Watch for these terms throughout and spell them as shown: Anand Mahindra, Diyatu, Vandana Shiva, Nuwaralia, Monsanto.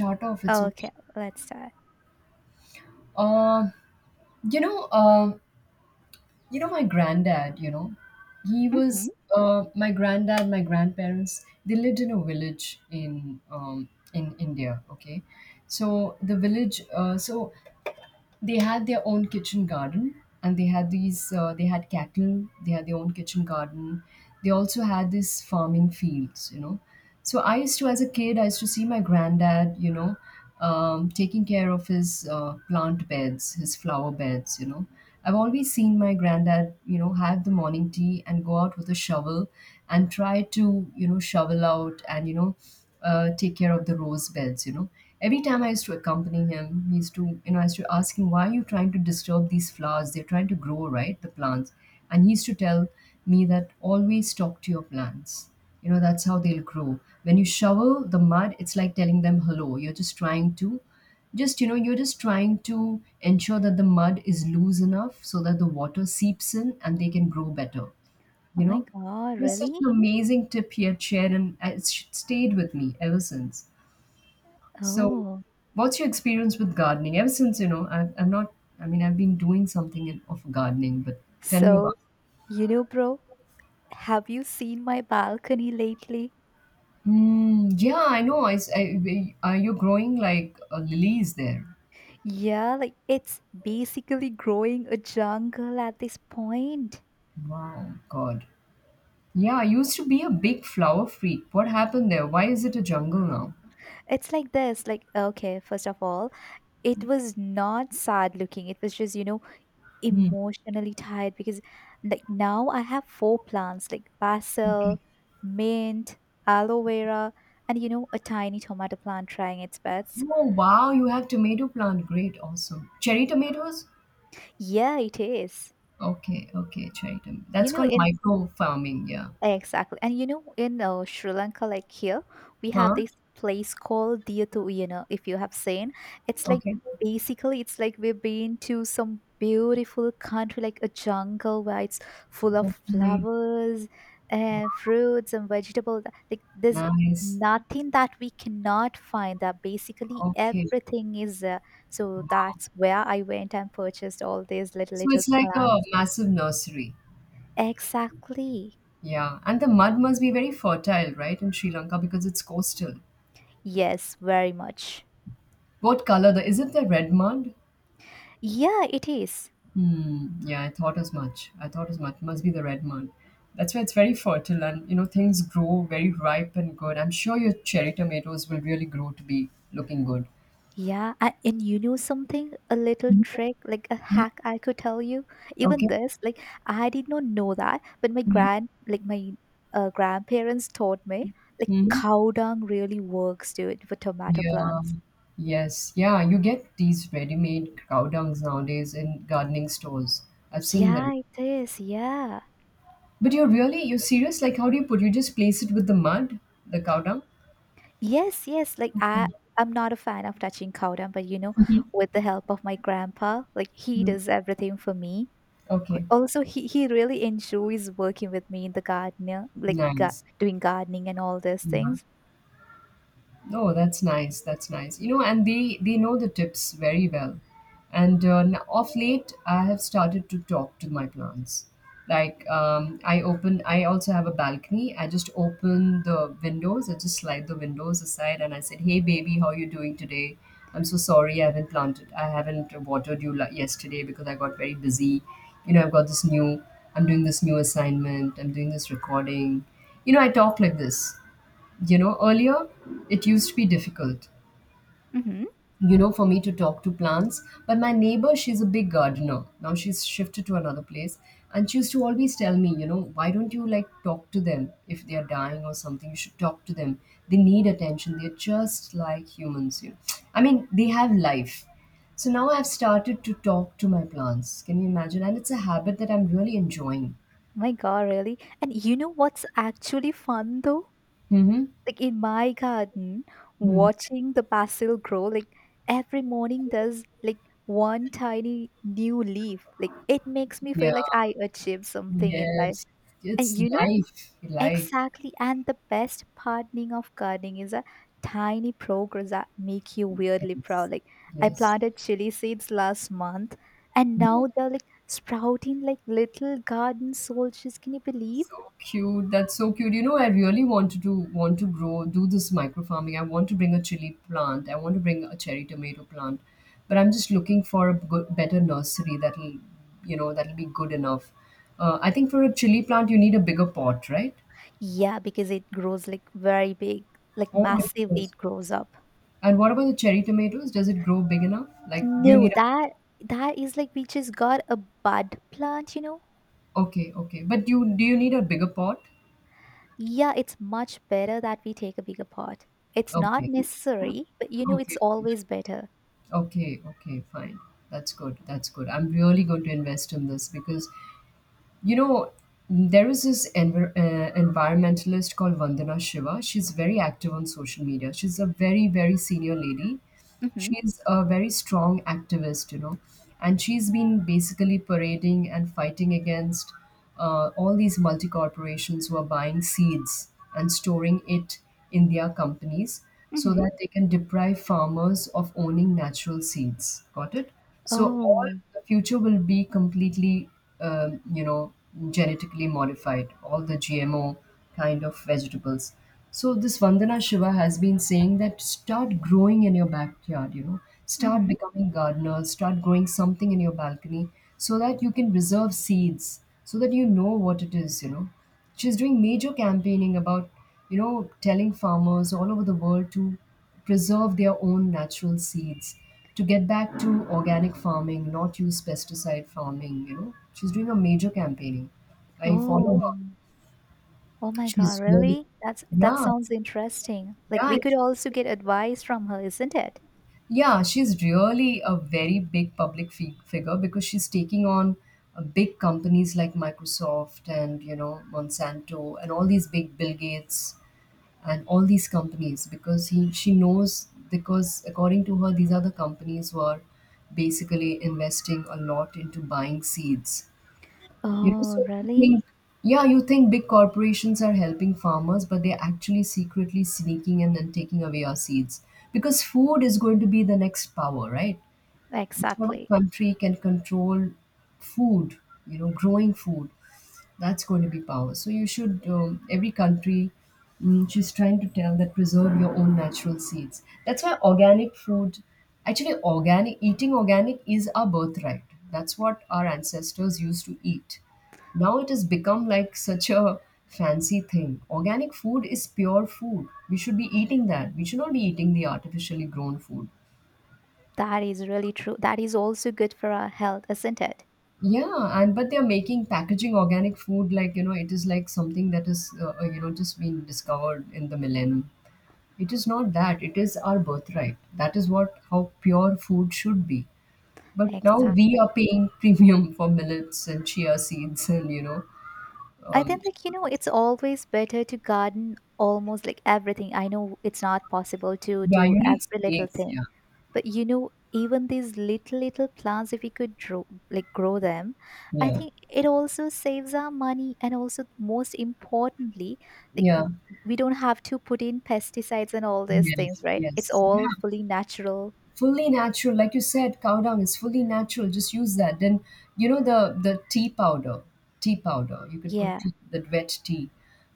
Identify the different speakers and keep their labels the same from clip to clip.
Speaker 1: Start off, it's okay.
Speaker 2: Okay, let's start.
Speaker 1: Uh, you know, uh, my granddad.
Speaker 2: Hmm.
Speaker 1: My grandparents They lived in a village in India. Okay, so the village. So they had their own kitchen garden, and they had these they had cattle, they had their own kitchen garden, they also had these farming fields, so I used to, as a kid, I used to see my granddad, taking care of his plant beds, his flower beds, I've always seen my granddad, have the morning tea and go out with a shovel and try to, shovel out and take care of the rose beds, every time I used to accompany him, he used to, I used to ask him, "Why are you trying to disturb these flowers? They're trying to grow, right, the plants?" And he used to tell me that, always talk to your plants, you know, that's how they'll grow. When you shovel the mud, it's like telling them hello, you're just trying to, just you know you're just trying to ensure that the mud is loose enough so that the water seeps in and they can grow better,
Speaker 2: Oh
Speaker 1: you
Speaker 2: my
Speaker 1: know.
Speaker 2: god,
Speaker 1: It was such
Speaker 2: really?
Speaker 1: an amazing tip he had shared, and it's stayed with me ever since. So,
Speaker 2: Oh.
Speaker 1: what's your experience with gardening? Ever since, I'm not, I mean, I've been doing something in, of gardening, but tell me
Speaker 2: So,
Speaker 1: about it.
Speaker 2: bro, have you seen my balcony lately?
Speaker 1: Mm, yeah, I know. I, s- I- we- Are you growing like lilies there?
Speaker 2: Yeah, like it's basically growing a jungle at this point.
Speaker 1: Wow, God. Yeah, I used to be a big flower freak. What happened there? Why is it a jungle now?
Speaker 2: It's like this, like okay, first of all, it was not sad looking. It was just,
Speaker 1: Hmm.
Speaker 2: emotionally tired because like now I have four plants like
Speaker 1: Okay.
Speaker 2: basil, mint, aloe vera, and a tiny tomato plant trying its best.
Speaker 1: Oh, wow, you have tomato plant. Great, awesome. Cherry tomatoes?
Speaker 2: Yeah, it is.
Speaker 1: Okay, okay, Chaitam. That's
Speaker 2: You know,
Speaker 1: called
Speaker 2: in
Speaker 1: micro farming, yeah.
Speaker 2: Exactly, and in Sri Lanka, like here, we have
Speaker 1: Huh?
Speaker 2: this place called Diyatu, if you have seen, it's like
Speaker 1: Okay.
Speaker 2: basically, it's like we've been to some beautiful country, like a jungle where it's full of
Speaker 1: Okay.
Speaker 2: flowers and fruits and vegetables. Like there's
Speaker 1: Nice.
Speaker 2: nothing that we cannot find. That basically
Speaker 1: Okay.
Speaker 2: everything is. So
Speaker 1: Wow.
Speaker 2: that's where I went and purchased all these little
Speaker 1: So
Speaker 2: little
Speaker 1: it's like a
Speaker 2: plants.
Speaker 1: massive nursery.
Speaker 2: Exactly.
Speaker 1: Yeah. And the mud must be very fertile, right, in Sri Lanka because it's coastal.
Speaker 2: Yes, very much.
Speaker 1: What color the is it, the red mud?
Speaker 2: Yeah, it is.
Speaker 1: Hmm. Yeah, I thought as much. I thought as much. Must be the red mud. That's why it's very fertile, and you know, things grow very ripe and good. I'm sure your cherry tomatoes will really grow to be looking good.
Speaker 2: Yeah, and you know something? A little trick, like a hack I could tell you. Even
Speaker 1: Okay.
Speaker 2: this, like I did not know that, but like my grandparents taught me, like
Speaker 1: Hmm.
Speaker 2: cow dung really works, dude, for tomato
Speaker 1: Yeah.
Speaker 2: plants.
Speaker 1: Yes. Yeah. You get these ready-made cow dungs nowadays in gardening stores. I've seen them.
Speaker 2: Yeah, it is. Yeah.
Speaker 1: But you're really, you're serious? Like, how do you put? You just place it with the mud, the cow dung?
Speaker 2: Yes, yes. Like I,
Speaker 1: Okay.
Speaker 2: I'm not a fan of touching cow dung, but with the help of my grandpa, like he
Speaker 1: Mm.
Speaker 2: does everything for me.
Speaker 1: Okay.
Speaker 2: Also he really enjoys working with me in the garden, yeah, like
Speaker 1: Nice.
Speaker 2: doing gardening and all these
Speaker 1: Yeah.
Speaker 2: things.
Speaker 1: Oh, that's nice. That's nice. You know, and they know the tips very well. And of late, I have started to talk to my plants. Like I open, I also have a balcony. I just open the windows. I just slide the windows aside, and I said, "Hey, baby, how are you doing today? I'm so sorry I haven't planted. I haven't watered you yesterday because I got very busy. You know, I've got this new. I'm doing this new assignment. I'm doing this recording. You know, I talk like this, you know, earlier it used to be difficult,
Speaker 2: Hmm.
Speaker 1: you know, for me to talk to plants. But my neighbor, she's a big gardener. Now she's shifted to another place. And she used to always tell me, you know, why don't you like talk to them if they are dying or something? You should talk to them. They need attention. They're just like humans, you know. I mean, they have life. So now I've started to talk to my plants. Can you imagine? And it's a habit that I'm really enjoying.
Speaker 2: My god, really? And you know what's actually fun though?
Speaker 1: Mm-hmm.
Speaker 2: Like in my garden,
Speaker 1: Hmm.
Speaker 2: watching the basil grow, like every morning there's like one tiny new leaf. Like it makes me
Speaker 1: Yeah.
Speaker 2: feel like I achieved something in life.
Speaker 1: Yes.
Speaker 2: And
Speaker 1: It's
Speaker 2: you know.
Speaker 1: life. Life.
Speaker 2: Exactly. And the best pardoning of gardening is a tiny progress that make you weirdly
Speaker 1: Yes,
Speaker 2: proud. Like I
Speaker 1: yes.
Speaker 2: planted chili seeds last month and now they're like sprouting like little garden soldiers. Can you believe?
Speaker 1: So cute. That's so cute. You know, I really want to grow, do this micro farming. I want to bring a chili plant. I want to bring a cherry tomato plant, but I'm just looking for a good, better nursery that'll, you know, that'll be good enough. I think for a chili plant, you need a bigger pot, right?
Speaker 2: Yeah, because it grows like very big, like
Speaker 1: Oh, it
Speaker 2: massively
Speaker 1: grows.
Speaker 2: it grows up.
Speaker 1: And what about the cherry tomatoes? Does it grow big enough? Like, do you
Speaker 2: No,
Speaker 1: need a,
Speaker 2: that is like we just got a bud plant, you know?
Speaker 1: okay, okay. But you do you need a bigger pot?
Speaker 2: Yeah, it's much better that we take a bigger pot. It's not
Speaker 1: Okay,
Speaker 2: necessary, but it's
Speaker 1: okay.
Speaker 2: always better.
Speaker 1: Okay, okay, fine. That's good. That's good. I'm really going to invest in this because, you know, there is this environmentalist called Vandana Shiva. She's very active on social media. She's a very, very senior lady.
Speaker 2: Hmm.
Speaker 1: She's a very strong activist, you know, and she's been basically parading and fighting against all these multi corporations were buying seeds and storing it in their companies so
Speaker 2: Mhm.
Speaker 1: that they can deprive farmers of owning natural seeds. Got it? So all
Speaker 2: Oh.
Speaker 1: the future will be completely, you know, genetically modified. All the GMO kind of vegetables. So this Vandana Shiva has been saying that start growing in your backyard, you know, start
Speaker 2: Mhm.
Speaker 1: becoming gardeners, start growing something in your balcony so that you can reserve seeds, so that you know what it is, you know. She's doing major campaigning about, you know, telling farmers all over the world to preserve their own natural seeds, to get back to organic farming, not use pesticide farming, you know. She's doing a major campaigning. I follow
Speaker 2: Oh.
Speaker 1: her.
Speaker 2: Oh my god,
Speaker 1: She's really,
Speaker 2: really? That
Speaker 1: yeah,
Speaker 2: sounds interesting. Like
Speaker 1: yeah.
Speaker 2: we
Speaker 1: and
Speaker 2: could also get advice from her, isn't it?
Speaker 1: Yeah, she's really a very big public figure because she's taking on big companies like Microsoft and you know Monsanto and all these big Bill Gates and all these companies, because he she knows, because according to her, these are the companies who are basically investing a lot into buying seeds, you know.
Speaker 2: Oh,
Speaker 1: So you think,
Speaker 2: really?
Speaker 1: yeah, you think big corporations are helping farmers, but they're actually secretly sneaking in and taking away our seeds. Because food is going to be the next power, right? Whichever
Speaker 2: Exactly.
Speaker 1: country can control food, you know, growing food, that's going to be power. So you should, every country, she's trying to tell that preserve your own natural seeds. That's why organic food, actually, organic, eating organic is our birthright. That's what our ancestors used to eat. Now it has become like such a fancy thing. Organic food is pure food. We should be eating that. We should not be eating the artificially grown food.
Speaker 2: That is really true. That is also good for our health, isn't it?
Speaker 1: Yeah, and but they're making packaging organic food like you know it is like something that is you know, just being discovered in the millennium. It is not that, it is our birthright. That is what how pure food should be. But now we
Speaker 2: Exactly.
Speaker 1: are paying premium for millets and chia seeds and you know
Speaker 2: I
Speaker 1: um,
Speaker 2: think like it's always better to garden almost like everything. I know it's not possible to
Speaker 1: yeah,
Speaker 2: do
Speaker 1: you need
Speaker 2: every little
Speaker 1: space,
Speaker 2: thing,
Speaker 1: yeah.
Speaker 2: but even these little plants, if we could grow them, I
Speaker 1: Yeah.
Speaker 2: think it also saves our money, and also most importantly, like
Speaker 1: Yeah.
Speaker 2: we don't have to put in pesticides and all these things,
Speaker 1: Yes,
Speaker 2: right? It's
Speaker 1: yes,
Speaker 2: all fully natural.
Speaker 1: fully natural. Like you said, cow dung is fully natural, just use that. Then you know, the tea powder, tea powder, you can put
Speaker 2: Yeah,
Speaker 1: tea, that wet tea.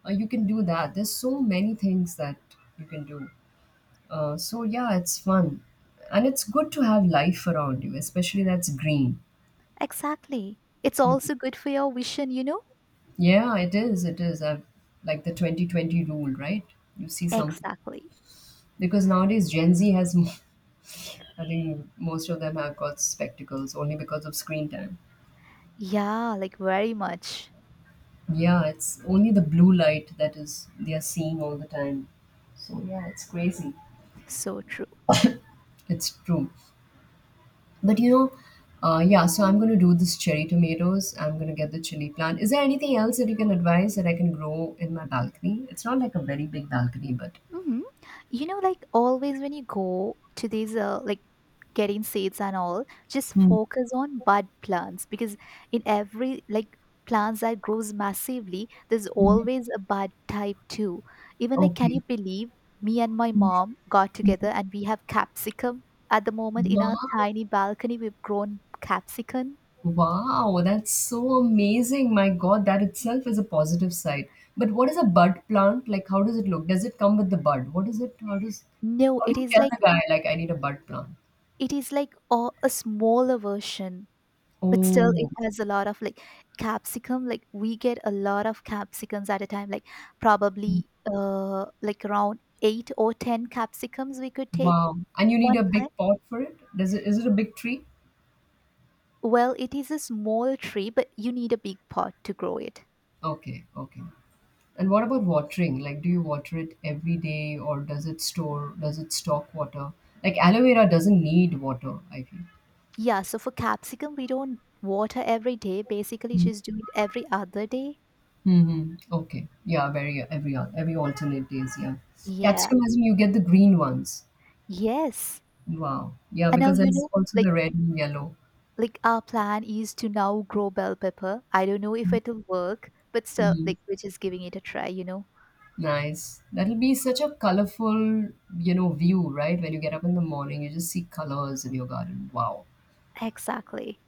Speaker 1: You can do that. There's so many things that you can do. So yeah, it's fun, and it's good to have life around you, especially that's green.
Speaker 2: exactly. It's
Speaker 1: Mhm.
Speaker 2: also good for your vision.
Speaker 1: Yeah, it is, it is. I've, like the 2020 rule, right, you see something,
Speaker 2: Exactly.
Speaker 1: because nowadays gen Z has I think most of them have got spectacles only because of screen time.
Speaker 2: Yeah, like very much.
Speaker 1: Yeah, it's only the blue light that is they are seeing all the time. So yeah, it's crazy.
Speaker 2: So true.
Speaker 1: It's true. But you know, yeah. So I'm gonna do this cherry tomatoes. I'm gonna get the chili plant. Is there anything else that you can advise that I can grow in my balcony? It's not like a very big balcony, but
Speaker 2: Hmm. Like always when you go to these, like getting seeds and all, just
Speaker 1: mm-hmm,
Speaker 2: focus on bud plants because in every like plants that grows massively, there's always a bud type too. Even like, can
Speaker 1: okay.
Speaker 2: you believe me and my mom got together and we have capsicum at the moment in our
Speaker 1: Wow.
Speaker 2: tiny balcony? We've grown capsicum.
Speaker 1: Wow, that's so amazing. My God, that itself is a positive side. But what is a bud plant? Like, how does it look? Does it come with the bud? What is it? How does,
Speaker 2: No,
Speaker 1: how do
Speaker 2: it
Speaker 1: you
Speaker 2: is
Speaker 1: tell
Speaker 2: like
Speaker 1: the guy, like, I need a bud plant?
Speaker 2: it is like a smaller version, but still it
Speaker 1: Oh,
Speaker 2: has a lot of like capsicum, like we get a lot of capsicums at a time, like probably like around 8 or 10 capsicums we could take
Speaker 1: wow. And you need
Speaker 2: one
Speaker 1: a big
Speaker 2: time.
Speaker 1: pot for it? Does it, is it a big tree?
Speaker 2: Well, it is a small tree, but you need a big pot to grow it.
Speaker 1: Okay, okay. And what about watering? Like, do you water it every day or does it store, does it stock water? Like, aloe vera doesn't need water, I feel.
Speaker 2: Yeah, so for capsicum we don't water every day, basically just do it every other day.
Speaker 1: Mm-hmm. Okay. Yeah, very every alternate days, yeah.
Speaker 2: Yeah,
Speaker 1: Capsicum as in you get the green ones.
Speaker 2: yes.
Speaker 1: Wow. Yeah,
Speaker 2: And now
Speaker 1: because there's also
Speaker 2: like
Speaker 1: the red and yellow.
Speaker 2: like our plan is to now grow bell pepper. I don't know if it'll work, but still,
Speaker 1: Mm.
Speaker 2: like we're just giving it a try.
Speaker 1: Nice. That'll be such a colorful, you know, view, right? When you get up in the morning, you just see colors in your garden. Wow.
Speaker 2: Exactly.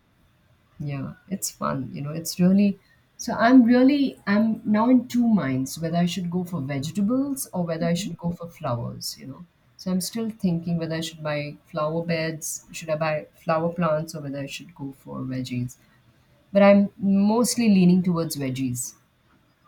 Speaker 1: Yeah, it's fun. You know, it's really so I'm really I'm now in two minds whether I should go for vegetables or whether I
Speaker 2: Mm-hmm.
Speaker 1: should go for flowers, you know. So I'm still thinking whether I should buy flower beds, should I buy flower plants, or whether I should go for veggies. But I'm mostly leaning towards veggies.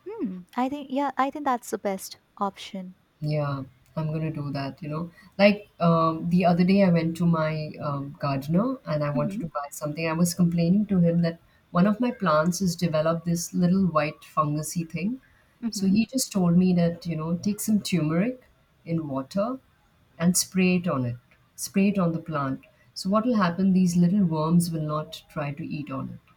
Speaker 2: Hmm. Mm, I think, yeah, I think that's the best option.
Speaker 1: Yeah, I'm gonna do that. Like, the other day, I went to my gardener and I wanted
Speaker 2: Hmm.
Speaker 1: to buy something. I was complaining to him that one of my plants has developed this little white fungusy thing. So
Speaker 2: Hmm.
Speaker 1: he just told me that, take some turmeric in water and spray it on it, spray it on the plant. So what will happen? These little worms will not try to eat on it.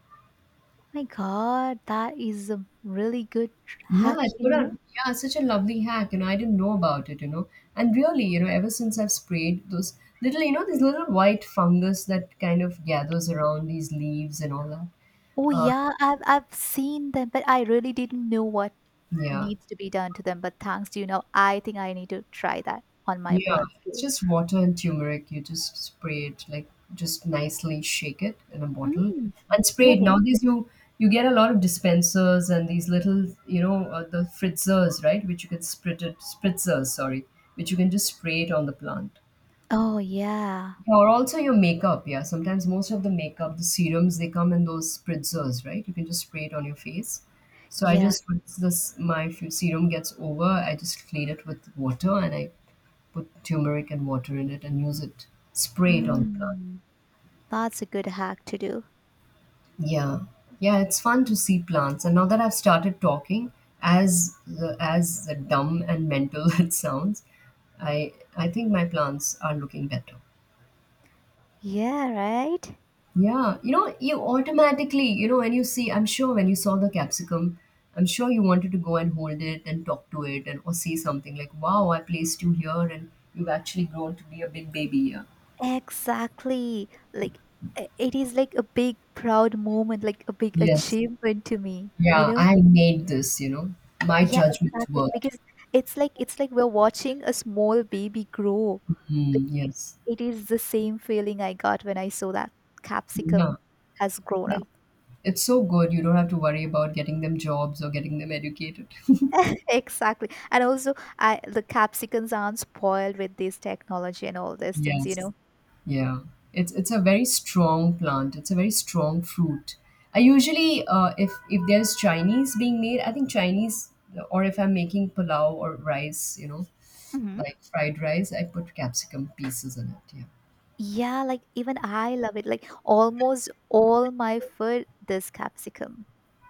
Speaker 2: My God, that is a really good
Speaker 1: Yeah,
Speaker 2: hack,
Speaker 1: what
Speaker 2: you
Speaker 1: a
Speaker 2: know.
Speaker 1: yeah, such a lovely hack. I didn't know about it. And really, ever since I've sprayed those little, these little white fungus that kind of gathers around these leaves and all that.
Speaker 2: Oh
Speaker 1: Uh,
Speaker 2: yeah, I've seen them, but I really didn't know what
Speaker 1: yeah.
Speaker 2: needs to be done to them. But thanks to you now, I think I need to try that on my
Speaker 1: Yeah.
Speaker 2: plants
Speaker 1: It's
Speaker 2: too.
Speaker 1: just water and turmeric. You just spray it, like just nicely shake it in a bottle
Speaker 2: Mm,
Speaker 1: and spray it.
Speaker 2: really?
Speaker 1: Nowadays you get a lot of dispensers and these little the fritzers, right? Which you can sprit it, spritzers, sorry, which you can just spray it on the plant.
Speaker 2: Oh, yeah.
Speaker 1: Or also your makeup, yeah. Sometimes most of the makeup, the serums, they come in those spritzers, right? You can just spray it on your face. So I
Speaker 2: Yeah.
Speaker 1: just once this my serum gets over, I just clean it with water and I put turmeric and water in it and use it, spray it on the plant.
Speaker 2: Mm, that's a good hack to do.
Speaker 1: Yeah, yeah, it's fun to see plants. And now that I've started talking, as the dumb and mental it sounds, I think my plants are looking better.
Speaker 2: Yeah, right?
Speaker 1: Yeah, you automatically, when you see, I'm sure when you saw the capsicum, I'm sure you wanted to go and hold it and talk to it and or say something like, "Wow, I placed you here, and you've actually grown to be a big baby here."
Speaker 2: Exactly. Like, it is like a big, proud moment, like a big
Speaker 1: Yes,
Speaker 2: achievement to me, you
Speaker 1: yeah,
Speaker 2: know?
Speaker 1: I made this. My
Speaker 2: Yeah,
Speaker 1: judgment
Speaker 2: exactly.
Speaker 1: worked.
Speaker 2: Because it's like we're watching a small baby grow. Like
Speaker 1: Mm, yes,
Speaker 2: it is the same feeling I got when I saw that
Speaker 1: yeah,
Speaker 2: capsicum has grown
Speaker 1: That-
Speaker 2: up.
Speaker 1: it's so good. You don't have to worry about getting them jobs or getting them educated.
Speaker 2: Exactly. And also, I the capsicums aren't spoiled with this technology and all these things, you
Speaker 1: yes.
Speaker 2: know.
Speaker 1: Yeah, it's a very strong plant. It's a very strong fruit. I usually, if there's Chinese being made, I think Chinese, or if I'm making pulao or rice,
Speaker 2: Hmm.
Speaker 1: like fried rice, I put capsicum pieces in it. Yeah.
Speaker 2: Yeah, like even I love it. Like almost all my food, this capsicum.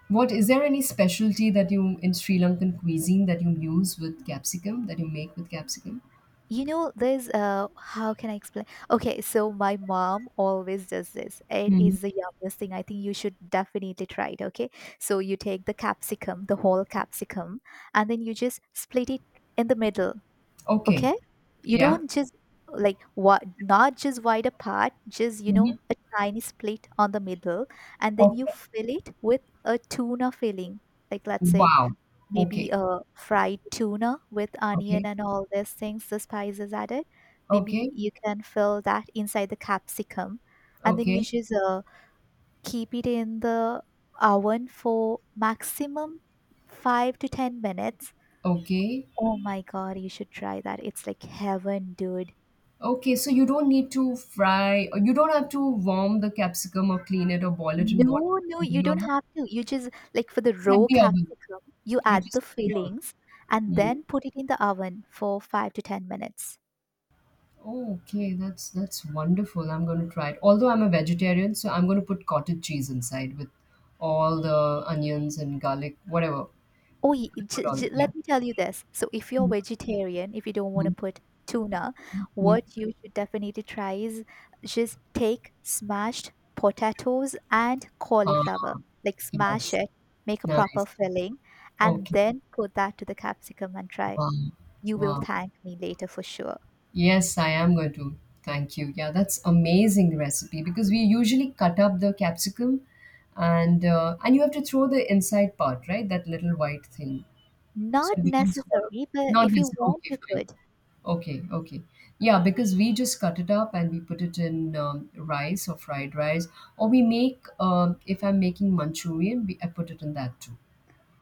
Speaker 1: What is there any specialty that you in Sri Lankan cuisine that you use with capsicum that you make with capsicum?
Speaker 2: There's how can I explain? Okay, so my mom always does this. It
Speaker 1: Hmm
Speaker 2: is the yummiest thing. I think you should definitely try it. Okay, so you take the capsicum, the whole capsicum, and then you just split it in the middle.
Speaker 1: Okay.
Speaker 2: Okay, you
Speaker 1: Yeah.
Speaker 2: don't just like what, not just wide apart, just
Speaker 1: hmm
Speaker 2: a tiny split on the middle. And then you
Speaker 1: Okay.
Speaker 2: fill it with a tuna filling, like let's say
Speaker 1: Wow.
Speaker 2: maybe
Speaker 1: Okay.
Speaker 2: a fried tuna with
Speaker 1: Okay.
Speaker 2: onion and all these things, the spices added. Maybe
Speaker 1: Okay.
Speaker 2: you can fill that inside the capsicum, and then you
Speaker 1: Okay.
Speaker 2: just keep it in the oven for maximum 5 to 10 minutes.
Speaker 1: Okay.
Speaker 2: Oh my god, you should try that, it's like heaven, dude.
Speaker 1: Okay, so you don't need to fry, or you don't have to warm the capsicum or clean it or boil it in water
Speaker 2: No, no,
Speaker 1: for
Speaker 2: you
Speaker 1: doing all
Speaker 2: don't
Speaker 1: that.
Speaker 2: have to. You just like for the
Speaker 1: It's at
Speaker 2: raw
Speaker 1: the oven.
Speaker 2: capsicum, you
Speaker 1: You
Speaker 2: add the
Speaker 1: just at the oven.
Speaker 2: fillings and
Speaker 1: Mm.
Speaker 2: then put it in the oven for 5 to 10 minutes.
Speaker 1: Oh, okay, that's wonderful. I'm going to try it. Although I'm a vegetarian, so I'm going to put cottage cheese inside with all the onions and garlic, whatever.
Speaker 2: Oh,
Speaker 1: Put all, yeah.
Speaker 2: let me tell you this. So, if you're
Speaker 1: Mm,
Speaker 2: vegetarian, if you don't want to
Speaker 1: mm,
Speaker 2: put tuna,
Speaker 1: mm.
Speaker 2: what you should definitely try is just take smashed potatoes and cauliflower,
Speaker 1: Ah,
Speaker 2: like smash
Speaker 1: yes.
Speaker 2: it, make a proper
Speaker 1: Nice.
Speaker 2: filling, and
Speaker 1: Okay.
Speaker 2: then put that to the capsicum and try.
Speaker 1: Wow.
Speaker 2: You will
Speaker 1: Wow.
Speaker 2: thank me later for sure.
Speaker 1: Yes, I am going to. Thank you. Yeah, that's amazing recipe because we usually cut up the capsicum and you have to throw the inside part, right? That little white thing. So
Speaker 2: Not
Speaker 1: it becomes hollow.
Speaker 2: necessary, but
Speaker 1: Not
Speaker 2: if you
Speaker 1: necessarily.
Speaker 2: want,
Speaker 1: Okay,
Speaker 2: you
Speaker 1: fine.
Speaker 2: could.
Speaker 1: Okay, okay. Yeah, because we just cut it up and we put it in rice or fried rice. Or we make, if I'm making Manchurian, I put it in that too.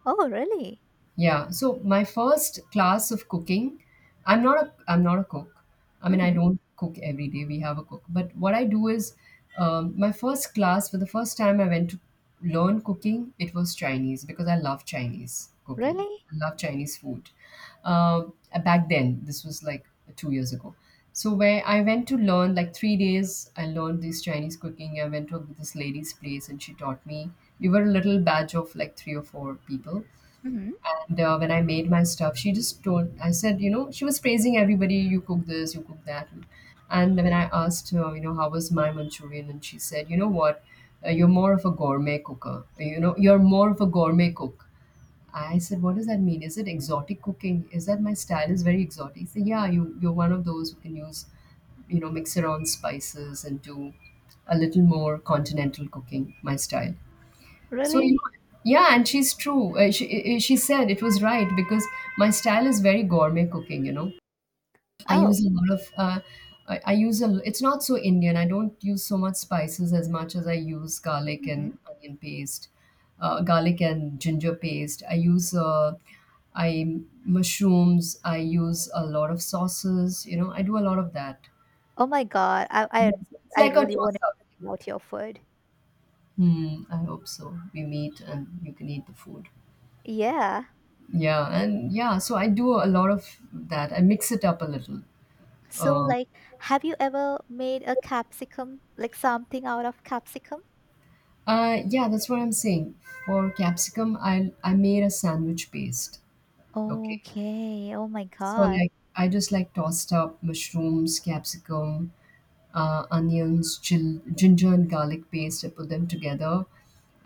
Speaker 2: Oh, really?
Speaker 1: Yeah, so my first class of cooking, I'm not a cook. I mean, I
Speaker 2: Mm-hmm.
Speaker 1: don't cook every day. We have a cook. But what I do is my first class for the first time I went to learn cooking, it was Chinese because I love Chinese cooking.
Speaker 2: Really?
Speaker 1: I love Chinese food. Back then, this was like 2 years ago. So where I went to learn like 3 days, I learned this Chinese cooking. I went to this lady's place and she taught me. We were a little batch of like three or four people
Speaker 2: Mm-hmm.
Speaker 1: and when I made my stuff, she just told, I said, you know, she was praising everybody, you cook this, you cook that. And when I asked her, you know, how was my Manchurian? And she said, you know what, you're more of a gourmet cooker. You know, you're more of a gourmet cook. I said, what does that mean? Is it exotic cooking? Is that my style is very exotic? She said, yeah, you're one of those who can use, mix around spices and do a little more continental cooking, my style. So you
Speaker 2: Really?
Speaker 1: know, yeah, and she's true. She said it was right because my style is very gourmet cooking. You know, I use
Speaker 2: Oh.
Speaker 1: a lot of. I use a. It's not so Indian. I don't use so much spices as much as I use garlic
Speaker 2: Mm-hmm.
Speaker 1: and onion paste, garlic and ginger paste. I use. I Mushrooms. I use a lot of sauces. You know, I do a lot of that.
Speaker 2: Oh my God. I
Speaker 1: Yes,
Speaker 2: I
Speaker 1: it's
Speaker 2: I
Speaker 1: like a
Speaker 2: really want
Speaker 1: toss up.
Speaker 2: to out your food.
Speaker 1: Hmm, I hope so. We meet and you can eat the food.
Speaker 2: Yeah.
Speaker 1: Yeah, and yeah, so I do a lot of that. I mix it up a little.
Speaker 2: So
Speaker 1: Um,
Speaker 2: like, have you ever made a capsicum, like something out of capsicum?
Speaker 1: yeah, that's what I'm saying. For capsicum, I made a sandwich paste. Okay,
Speaker 2: Okay. Oh my
Speaker 1: so
Speaker 2: God.
Speaker 1: like I just like tossed up mushrooms, capsicum, onions, ginger and garlic paste. I put them together,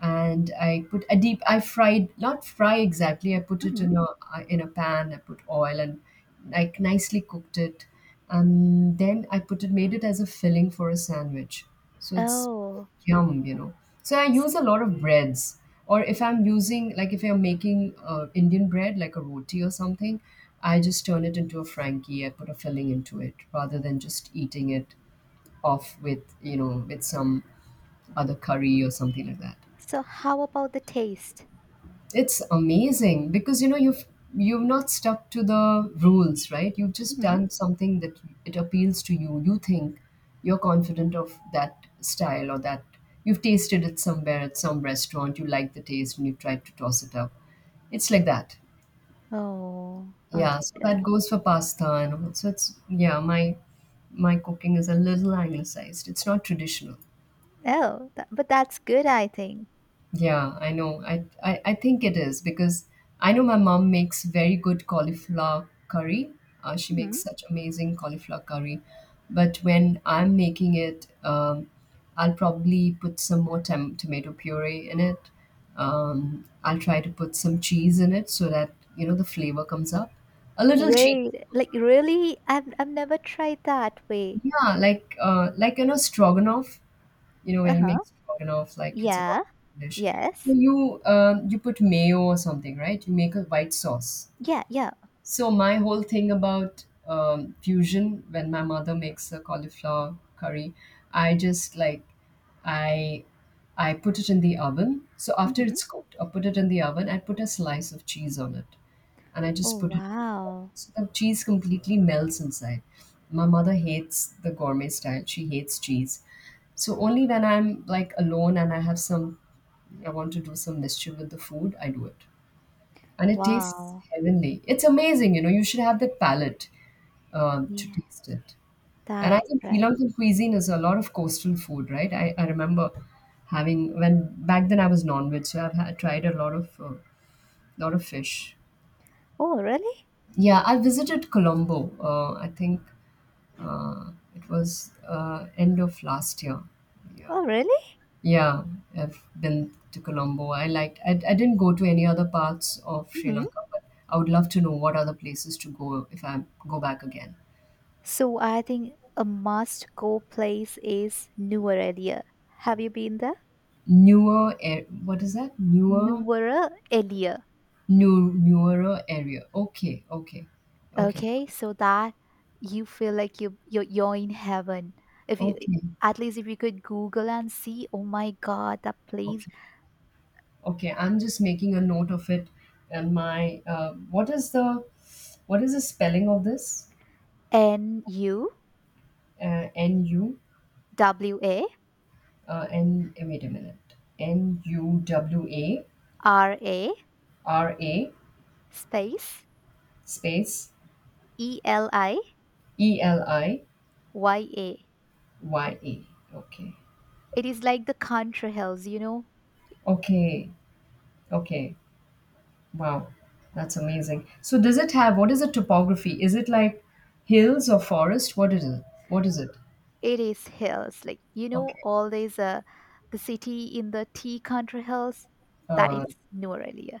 Speaker 1: and I put a deep. I fried not fry exactly. I put it
Speaker 2: Mm-hmm.
Speaker 1: in a pan. I put oil and like nicely cooked it, and then I put it made it as a filling for a sandwich. So it's
Speaker 2: Oh.
Speaker 1: yum. So I
Speaker 2: S-
Speaker 1: use a lot of breads. Or if I'm using, like if I'm making Indian bread, like a roti or something, I just turn it into a Frankie. I put a filling into it rather than just eating it off with, with some other curry or something like that.
Speaker 2: So how about the taste?
Speaker 1: It's amazing because you know you've not stuck to the rules, right? You've just
Speaker 2: Mm-hmm.
Speaker 1: done something that it appeals to you. You think you're confident of that style or that you've tasted it somewhere at some restaurant, you like the taste and you tried to toss it up. It's like that.
Speaker 2: Oh,
Speaker 1: Yeah, so
Speaker 2: understood.
Speaker 1: that goes for pasta and all. So it's yeah, my cooking is a little anglicized. It's not traditional.
Speaker 2: Oh, but that's good, I think.
Speaker 1: Yeah, I know. I think it is because I know my mom makes very good cauliflower curry. She makes such amazing cauliflower curry. But when I'm making it, I'll probably put some more tomato puree in it. I'll try to put some cheese in it so that, you know, the flavor comes up. A little cheese.
Speaker 2: Wait, like really? I've never tried that way.
Speaker 1: Yeah, like you know, stroganoff. You know, when you
Speaker 2: Uh-huh.
Speaker 1: make stroganoff, like it's a
Speaker 2: Yeah.
Speaker 1: dish. So
Speaker 2: Yes.
Speaker 1: you you put mayo or something, right? You make a white sauce.
Speaker 2: Yeah, yeah.
Speaker 1: So my whole thing about fusion when my mother makes a cauliflower curry, I just like I I put it in the oven. So after
Speaker 2: Mm-hmm.
Speaker 1: it's cooked, I put it in the oven I put a slice of cheese on it, and I just
Speaker 2: Oh
Speaker 1: put it in the oven.
Speaker 2: wow.
Speaker 1: So the cheese completely melts inside. My mother hates the gourmet style. She hates cheese. So only when I'm like alone and I have some, I want to do some mischief with the food, I do it and it tastes
Speaker 2: Wow.
Speaker 1: heavenly. It's amazing, you know. You should have that palate to
Speaker 2: Yeah,
Speaker 1: taste it. And I
Speaker 2: that's
Speaker 1: think Sri
Speaker 2: right.
Speaker 1: Lankan cuisine is a lot of coastal food, right? I remember having when back then I was non-veg, so I've tried a lot of fish.
Speaker 2: Oh really?
Speaker 1: Yeah, I visited Colombo. I think it was end of last year. Yeah.
Speaker 2: Oh really?
Speaker 1: Yeah, I've been to Colombo. I liked. I didn't go to any other parts of Sri
Speaker 2: Mm-hmm.
Speaker 1: Lanka, but I would love to know what other places to go if I go back again.
Speaker 2: So I think a must-go place is Nuwaralia. Have you been there?
Speaker 1: Newer, air, what is that? Newer,
Speaker 2: Nuwaralia.
Speaker 1: new, newer area. Okay, okay, okay,
Speaker 2: Okay, so that you feel like you're in heaven. If you
Speaker 1: okay,
Speaker 2: at least if you could Google and see, oh my God, that place
Speaker 1: okay, okay. I'm just making a note of it. And what is the spelling of this?
Speaker 2: N U
Speaker 1: N U,
Speaker 2: W A
Speaker 1: N. Wait a minute. N U W A
Speaker 2: R A
Speaker 1: R A.
Speaker 2: space
Speaker 1: Space
Speaker 2: E L I
Speaker 1: E L I
Speaker 2: Y A.
Speaker 1: Y E. Okay.
Speaker 2: It is like the country hills.
Speaker 1: Okay. Okay. Wow. That's amazing. So does it have what is the topography? Is it like hills or forest? What is it? What is it?
Speaker 2: It is hills, like
Speaker 1: Okay.
Speaker 2: all these the city in the tea country hills. That
Speaker 1: Uh,
Speaker 2: is Norelia.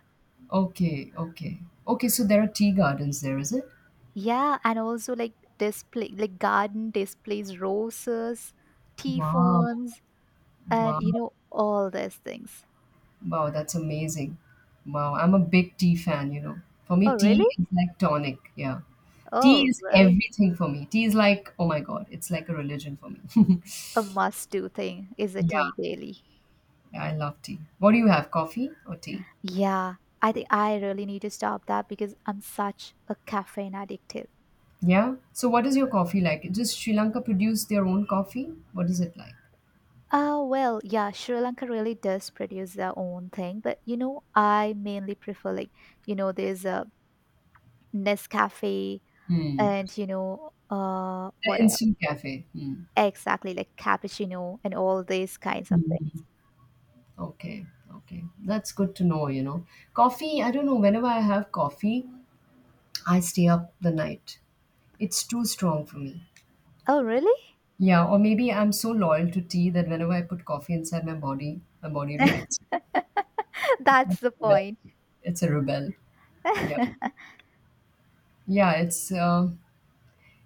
Speaker 1: okay. Okay. Okay. So there are tea gardens there, is it?
Speaker 2: Yeah, and also like garden displays, roses, tea
Speaker 1: Wow.
Speaker 2: ferns, and
Speaker 1: Wow.
Speaker 2: you know all these things.
Speaker 1: Wow. That's amazing. Wow. I'm a big tea fan, you know. For me,
Speaker 2: Oh, really?
Speaker 1: tea is like tonic. Yeah. Tea
Speaker 2: Oh,
Speaker 1: is
Speaker 2: really?
Speaker 1: everything for me. Tea is like, oh my God, it's like a religion for me.
Speaker 2: A must-do thing is a tea
Speaker 1: Yeah,
Speaker 2: daily.
Speaker 1: yeah, I love tea. What do you have, coffee or tea?
Speaker 2: Yeah, I think I really need to stop that because I'm such a caffeine addictive.
Speaker 1: Yeah. So what is your coffee like? Does Sri Lanka produce their own coffee? What is it like?
Speaker 2: Oh, well, yeah, Sri Lanka really does produce their own thing, but I mainly prefer like,
Speaker 1: Yes,
Speaker 2: there's
Speaker 1: yeah.
Speaker 2: a Nescafe
Speaker 1: Hmm.
Speaker 2: and
Speaker 1: The
Speaker 2: what else?
Speaker 1: instant cafe. Hmm.
Speaker 2: Exactly, like cappuccino and all these kinds of things.
Speaker 1: Mhm. Okay, okay. That's good to know, Coffee, I don't know, whenever I have coffee, I stay up the night. It's too strong for me.
Speaker 2: Oh, really?
Speaker 1: Yeah, or maybe I'm so loyal to tea that whenever I put coffee inside my body reacts. Like
Speaker 2: That's the
Speaker 1: a rebel.
Speaker 2: point.
Speaker 1: It's a rebel. Yeah. Yeah, it's uh,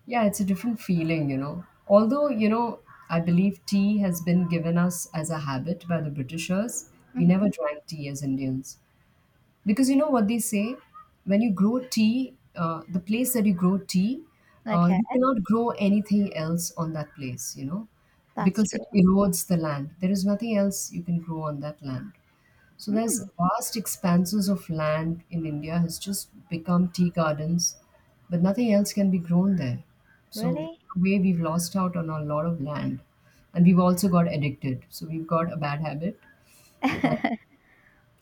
Speaker 1: Yeah, it's a different feeling, Although, I believe tea has been given us as a habit by the Britishers. We
Speaker 2: Hmm.
Speaker 1: never drank tea as Indians. Because you know what they say? When you grow tea, the place that you grow tea,
Speaker 2: Okay,
Speaker 1: you cannot grow anything else on that place,
Speaker 2: that's
Speaker 1: because
Speaker 2: true.
Speaker 1: it erodes the land. There is nothing else you can grow on that land. So
Speaker 2: Mm.
Speaker 1: there's vast expanses of land in India has just become tea gardens, but nothing else can be grown there. So in
Speaker 2: Really?
Speaker 1: a way we've lost out on a lot of land, and we've also got addicted. So we've got a bad habit, and,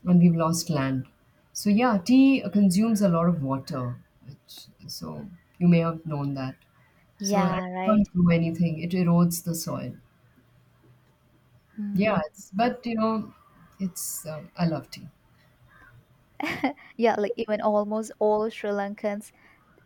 Speaker 1: and we've lost land. So yeah, tea consumes a lot of water, which, so you may have known that. So I
Speaker 2: Yeah,
Speaker 1: can't
Speaker 2: right.
Speaker 1: grow anything; it erodes the soil. Yeah,
Speaker 2: Mhm.
Speaker 1: it's, but you know, it's I love tea.
Speaker 2: Yeah, like even almost all Sri Lankans,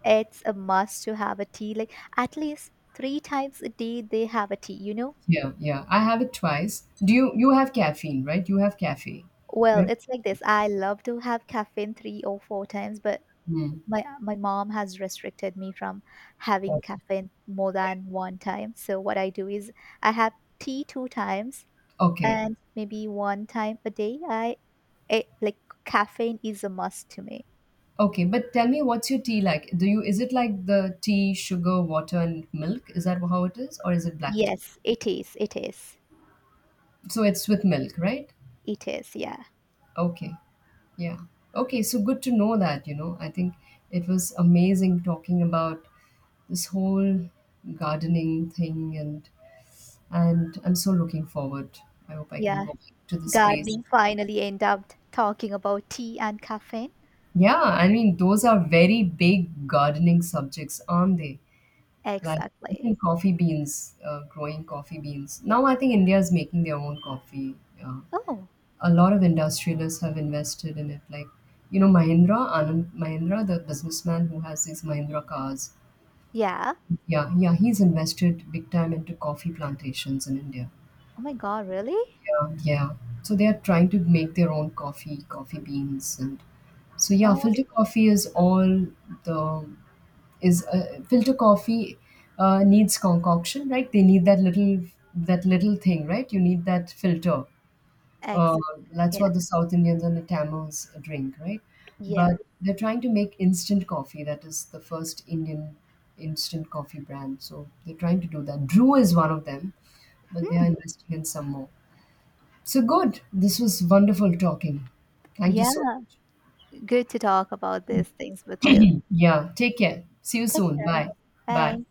Speaker 2: it's a must to have a tea. Like at least three times a day, they have a tea, you know?
Speaker 1: Yeah, yeah. I have it twice. Do you have caffeine, right? You have caffeine. You
Speaker 2: Well,
Speaker 1: have,
Speaker 2: it's like this. I love to have caffeine three or four times, but
Speaker 1: hmm.
Speaker 2: my mom has restricted me from having caffeine more than one time. So what I do is I have tea two times
Speaker 1: Okay.
Speaker 2: and maybe one time a day. Like caffeine is a must to me.
Speaker 1: Okay, but tell me what's your tea like? Do you Is it like the tea, sugar, water and milk? Is that how it is or is it black tea?
Speaker 2: Yes, it is. It is.
Speaker 1: So it's with milk, right?
Speaker 2: It is. Yeah.
Speaker 1: Okay. Yeah. Okay, so good to know that, I think it was amazing talking about this whole gardening thing, and I'm so looking forward. I hope I can
Speaker 2: Yeah.
Speaker 1: go back to this place.
Speaker 2: Gardening finally end up talking about tea and caffeine.
Speaker 1: Yeah, I mean, those are very big gardening subjects, aren't they? Like
Speaker 2: Exactly.
Speaker 1: even coffee beans, growing coffee beans. Now I think India is making their own coffee. Yeah.
Speaker 2: Oh,
Speaker 1: A lot of industrialists have invested in it. Like, you know, Mahindra, Anand Mahindra, the businessman who has these Mahindra cars.
Speaker 2: yeah.
Speaker 1: Yeah, yeah, he's invested big time into coffee plantations in India.
Speaker 2: Oh my God, really?
Speaker 1: Yeah, yeah. So they are trying to make their own coffee, coffee beans, and so yeah,
Speaker 2: Oh,
Speaker 1: the filter coffee needs concoction, right? They need that little thing, right? You need that filter.
Speaker 2: ex.
Speaker 1: Uh, that's
Speaker 2: yeah.
Speaker 1: what the South Indians and the Tamils drink, right?
Speaker 2: Yes.
Speaker 1: But they're trying to make instant coffee. That is the first Indian instant coffee brand. So they're trying to do that. Drew is one of them, but they are
Speaker 2: Hmm,
Speaker 1: investing in some more. So good. This was wonderful talking. Thank you
Speaker 2: yeah.
Speaker 1: so much.
Speaker 2: Good to talk about these things with you.
Speaker 1: Yeah. Take care. See you
Speaker 2: Take
Speaker 1: soon.
Speaker 2: care.
Speaker 1: Bye. Bye.
Speaker 2: Bye.